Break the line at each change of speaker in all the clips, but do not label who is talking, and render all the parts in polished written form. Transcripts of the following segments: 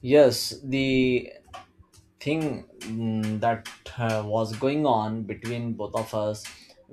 Yes, the thing that was going on between both of us,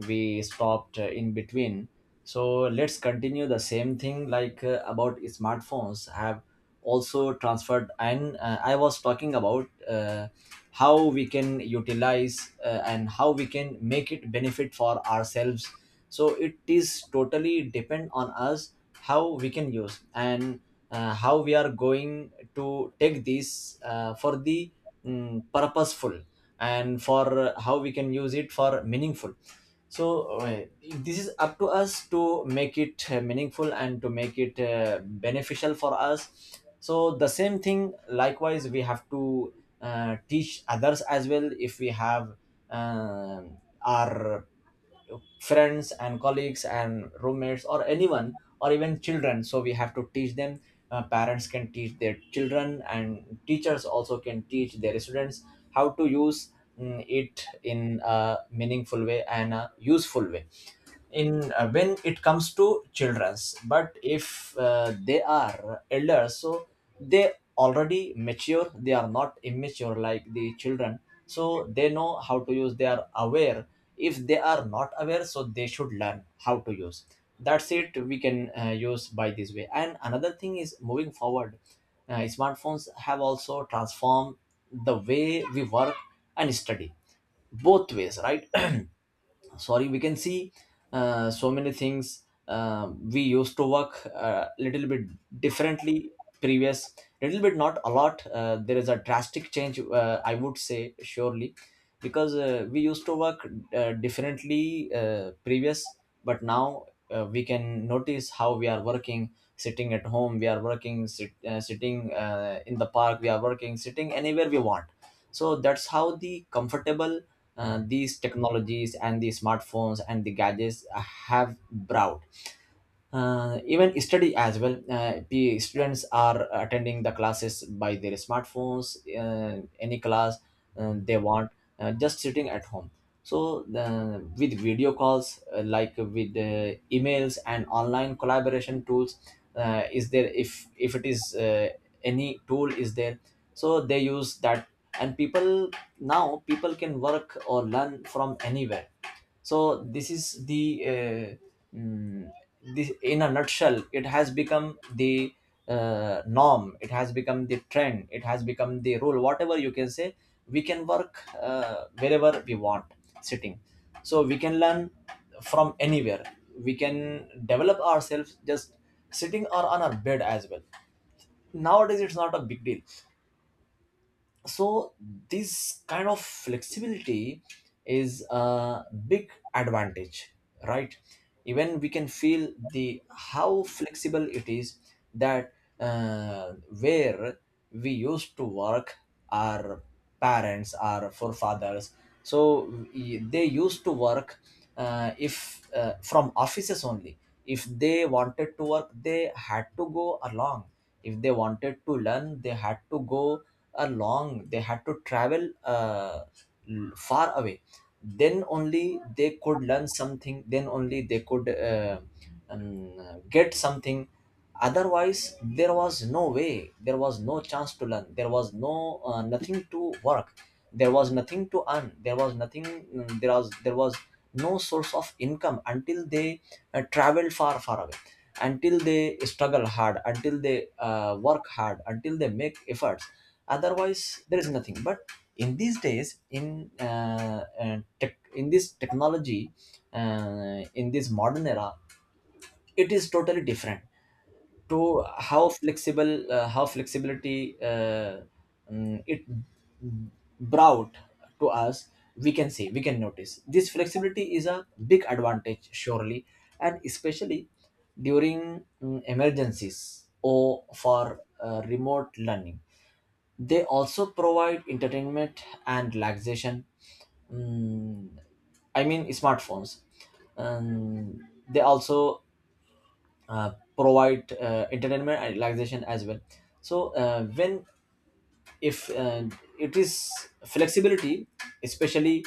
we stopped in between. So let's continue the same thing like about smartphones have also transferred. And I was talking about how we can utilize and how we can make it benefit for ourselves so it is totally depend on us how we can use and how we are going to take this for the purposeful and for how we can use it for meaningful So this is up to us to make it meaningful and to make it beneficial for us so the same thing likewise we have to teach others as well if we have uh, our friends and colleagues and roommates or anyone or even children so we have to teach them. Parents can teach their children and teachers also can teach their students how to use it in a meaningful way and a useful way in when it comes to children's but if they are elders so they already mature, they are not immature like the children so they know how to use, they are aware. If they are not aware so they should learn how to use. That's it, we can use by this way. And another thing is moving forward, smartphones have also transformed the way we work and study, both ways, right? Sorry, we can see so many things. We used to work a little bit differently previous, little bit not a lot. There is a drastic change, I would say surely because we used to work differently previous but now we can notice how we are working, sitting at home we are working, sitting in the park we are working, sitting anywhere we want. So that's how the comfortable these technologies and the smartphones and the gadgets have brought. Even study as well, the students are attending the classes by their smartphones, any class they want, just sitting at home. So with video calls, like with emails and online collaboration tools is there. If it is any tool is there so they use that. And people, now people can work or learn from anywhere. So this is the uh, mm, this in a nutshell, it has become the norm, it has become the trend, it has become the rule, whatever you can say. We can work wherever we want, sitting. So we can learn from anywhere, we can develop ourselves just sitting or on our bed as well. Nowadays it's not a big deal. So this kind of flexibility is a big advantage, right? Even we can feel the how flexible it is. That uh, where we used to work, our parents, our forefathers, so they used to work if from offices only. If they wanted to work they had to go along, if they wanted to learn they had to go along, they had to travel far away, then only they could learn something, then only they could get something. Otherwise there was no way, there was no chance to learn, there was no nothing to work, there was nothing to earn, there was nothing. There was no source of income until they travel far far away, until they struggle hard, until they work hard, until they make efforts, otherwise there is nothing. But in these days, in in this technology, in this modern era, it is totally different to how flexible how flexibility it brought to us. We can see, we can notice this flexibility is a big advantage surely. And especially during emergencies or for remote learning, they also provide entertainment and relaxation. Mm, I mean smartphones, um, they also provide entertainment and relaxation as well. So when if it is flexibility, especially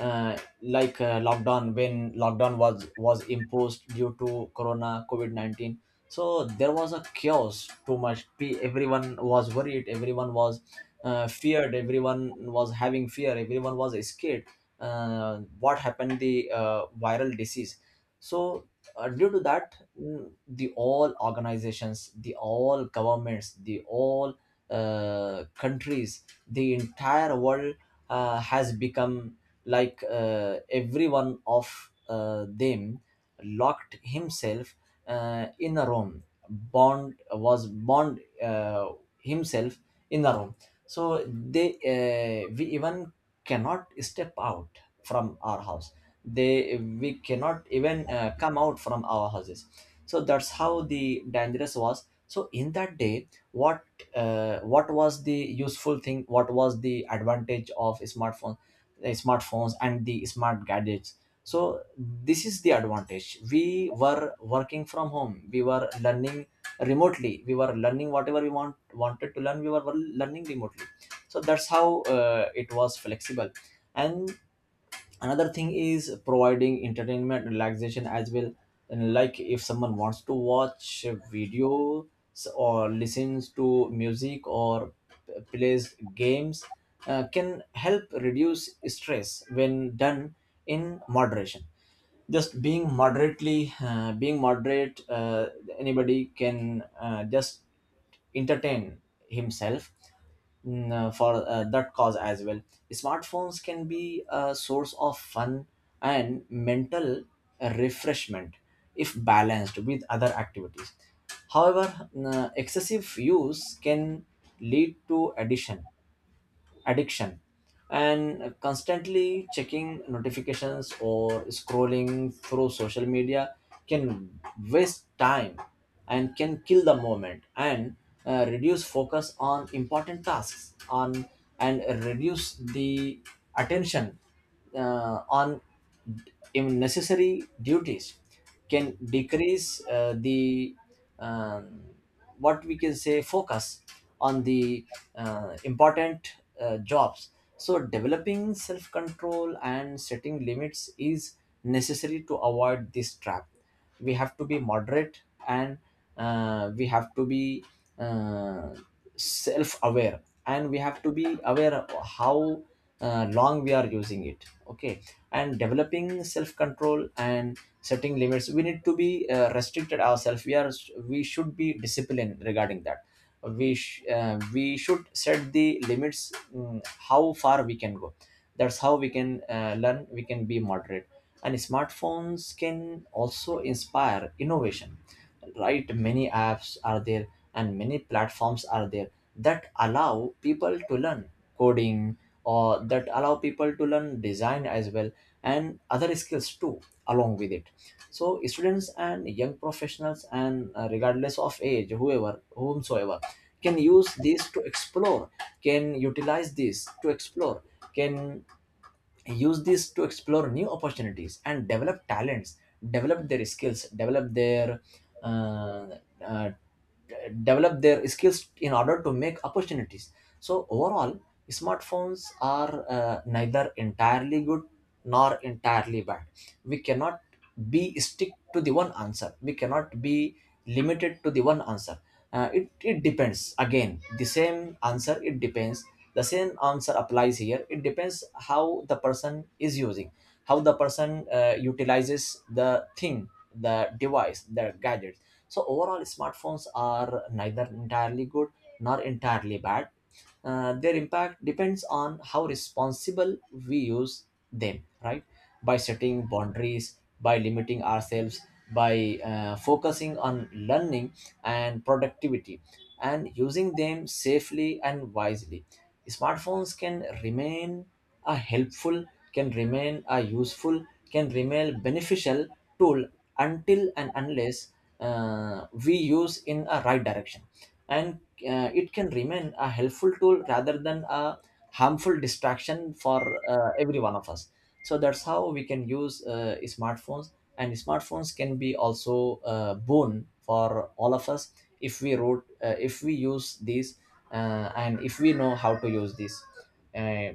like lockdown, when lockdown was imposed due to corona covid-19, so there was a chaos, too much. Everyone was worried, everyone was feared, everyone was having fear, everyone was scared. What happened, the viral disease. So due to that, the all organizations, the all governments, the all countries, the entire world has become like every one of them locked himself in a room, bond himself in a room. So they we even cannot step out from our house, they we cannot even come out from our houses. So that's how the dangerous was. So in that day what was the useful thing, what was the advantage of smartphone, smartphones and the smart gadgets. So this is the advantage, we were working from home, we were learning remotely, we were learning whatever we wanted to learn, we were learning remotely. So that's how it was flexible. And another thing is providing entertainment, relaxation as well. And like if someone wants to watch videos or listens to music or plays games, can help reduce stress when done in moderation. Just being moderately being moderate, anybody can just entertain himself for that cause as well. Smartphones can be a source of fun and mental refreshment if balanced with other activities. However, excessive use can lead to addiction, addiction. And constantly checking notifications or scrolling through social media can waste time and can kill the moment and reduce focus on important tasks on and reduce the attention on in necessary duties, can decrease the um, what we can say, focus on the important jobs. So developing self control and setting limits is necessary to avoid this trap. We have to be moderate and we have to be uh, self aware, and we have to be aware of how long we are using it, okay. And developing self control and setting limits, we need to be restricted ourselves, we are we should be disciplined regarding that. We we should set the limits, how far we can go. That's how we can learn, we can be moderate. And smartphones can also inspire innovation, right? Many apps are there and many platforms are there that allow people to learn coding, or that allow people to learn design as well, and other skills too, along with it. So students and young professionals, and regardless of age, whoever whomsoever, can use this to explore, can utilize this to explore, can use this to explore new opportunities and develop talents, develop their skills, uh, uh, develop their skills in order to make opportunities. So overall, smartphones are neither entirely good nor entirely bad. We cannot be stick to the one answer, we cannot be limited to the one answer. It depends, again the same answer, it depends, the same answer applies here, it depends how the person is using, how the person utilizes the thing, the device, the gadget. So overall, smartphones are neither entirely good nor entirely bad. Their impact depends on how responsible we use them, right? By setting boundaries, by limiting ourselves, by focusing on learning and productivity, and using them safely and wisely. Smartphones can remain a helpful, can remain a useful, can remain beneficial tool until and unless we use in a right direction, and it can remain a helpful tool rather than a harmful distraction for every one of us. So that's how we can use smartphones, and smartphones can be also a boon for all of us if we wrote if we use these, and if we know how to use these. Uh,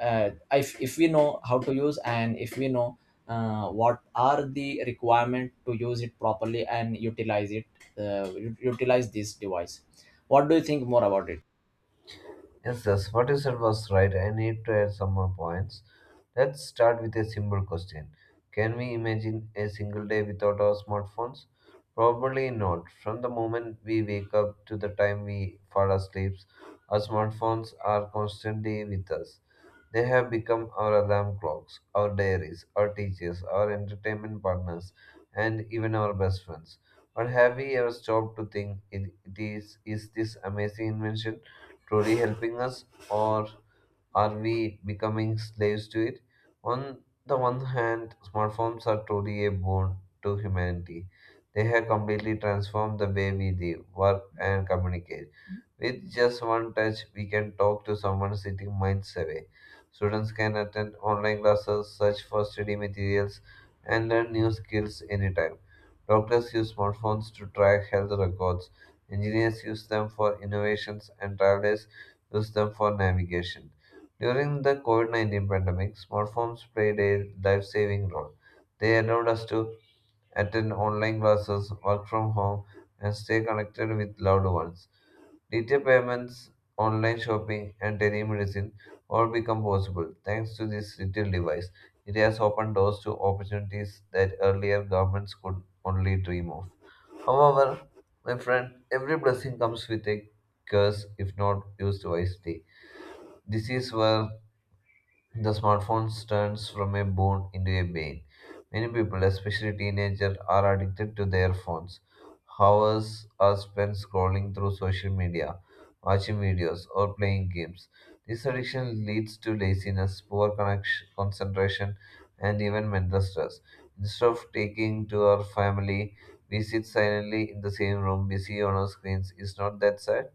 if we know how to use and if we know what are the requirement to use it properly and utilize it, utilize this device. What do you think more about it?
Yes, yes, what you said was right. I need to add some more points. Let's start with a simple question. Can we imagine a single day without our smartphones? Probably not. From the moment we wake up to the time we fall asleep, our smartphones are constantly with us. They have become our alarm clocks, our diaries, our teachers, our entertainment partners, and even our best friends. But have we ever stopped to think, is this amazing invention truly helping us, or are we becoming slaves to it? On the one hand, smartphones are truly a boon to humanity. They have completely transformed the way we live, work, and communicate. With just one touch, we can talk to someone sitting miles away. Students can attend online classes, search for study materials, and learn new skills anytime. Doctors use smartphones to track health records. Engineers use them for innovations, and travelers use them for navigation. During the COVID COVID-19 pandemic, smartphones played a life saving role. They allowed us to attend online classes, work from home, and stay connected with loved ones. Digital payments, online shopping, and telemedicine all become possible thanks to this little device. It has opened doors to opportunities that earlier governments could only dream of. However, my friend, every blessing comes with a curse if not used wisely. This is where the smartphone turns from a boon into a bane. Many people, especially teenagers, are addicted to their phones. Hours are spent scrolling through social media, watching videos, or playing games. This addiction leads to laziness, poor connection, concentration, and even mental stress. Instead of taking to our family, we sit silently in the same room, busy on our screens. Is not that sad?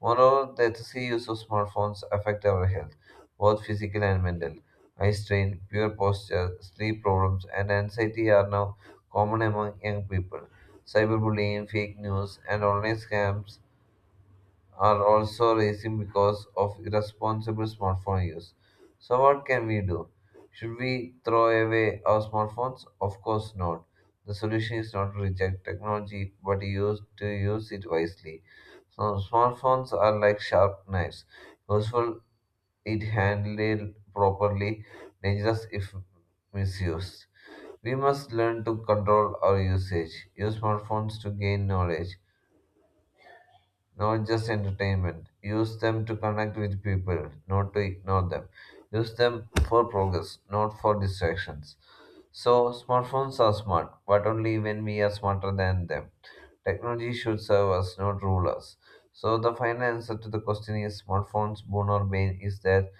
Moreover, the excessive use of smartphones affect our health, both physical and mental. Eye strain, poor posture, sleep problems, and anxiety are now common among young people. Cyberbullying, fake news, and online scams are also rising because of irresponsible smartphone use. So, what can we do? Should we throw away our smartphones? Of course not. The solution is not to reject technology but use to use it wisely. So, smartphones are like sharp knives, useful it handled properly, dangerous if misused. We must learn to control our usage, use smartphones to gain knowledge, not just entertainment. Use them to connect with people, not to ignore them. Use them for progress, not for distractions. So, smartphones are smart, but only when we are smarter than them. Technology should serve us, not rule us. So, the final answer to the question is smartphones, boon or bane, is that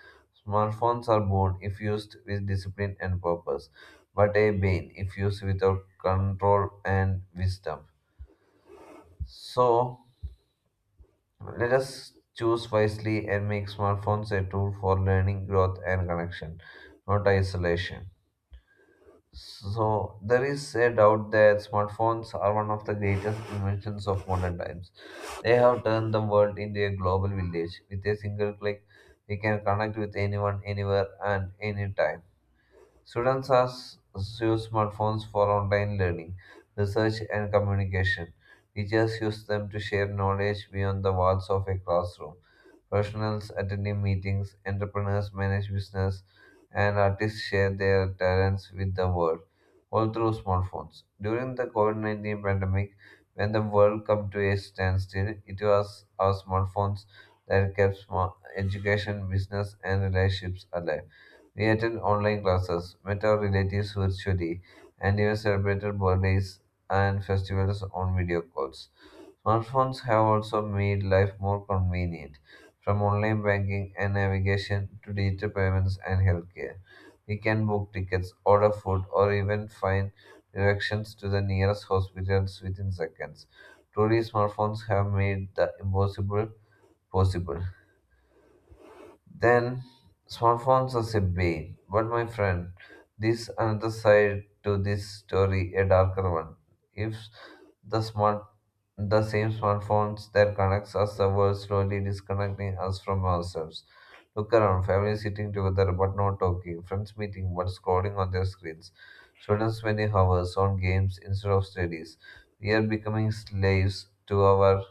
smartphones are boon if used with discipline and purpose, but a bane if used without control and wisdom. So, let us choose wisely and make smartphones a tool for learning, growth, and connection, not isolation. So, there is a doubt that smartphones are one of the greatest inventions of modern times. They have turned the world into a global village. With a single click, we can connect with anyone, anywhere, and anytime. Students are s- use smartphones for online learning, research, and communication. Teachers use them to share knowledge beyond the walls of a classroom. Professionals attending meetings, entrepreneurs manage business, and artists share their talents with the world, all through smartphones. During the COVID COVID-19 pandemic, when the world came to a standstill, it was our smartphones that education, business, and relationships alive. We attend online classes, met our relatives virtually, and even celebrated birthdays and festivals on video calls. Smartphones have also made life more convenient, from online banking and navigation to digital payments and healthcare. We can book tickets, order food, or even find directions to the nearest hospitals within seconds. Truly, smartphones have made the impossible possible. Then smartphones as a bane. But my friend, this another side to this story, a darker one. If the smart the same smartphones that connects us the world slowly disconnecting us from ourselves. Look around, families sitting together but not talking, friends meeting but scrolling on their screens, students spending hours on games instead of studies. We are becoming slaves to our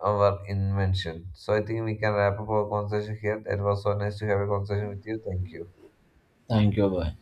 our invention. So I think we can wrap up our conversation here. It was so nice to have a conversation with you. Thank you.
Thank you, bye.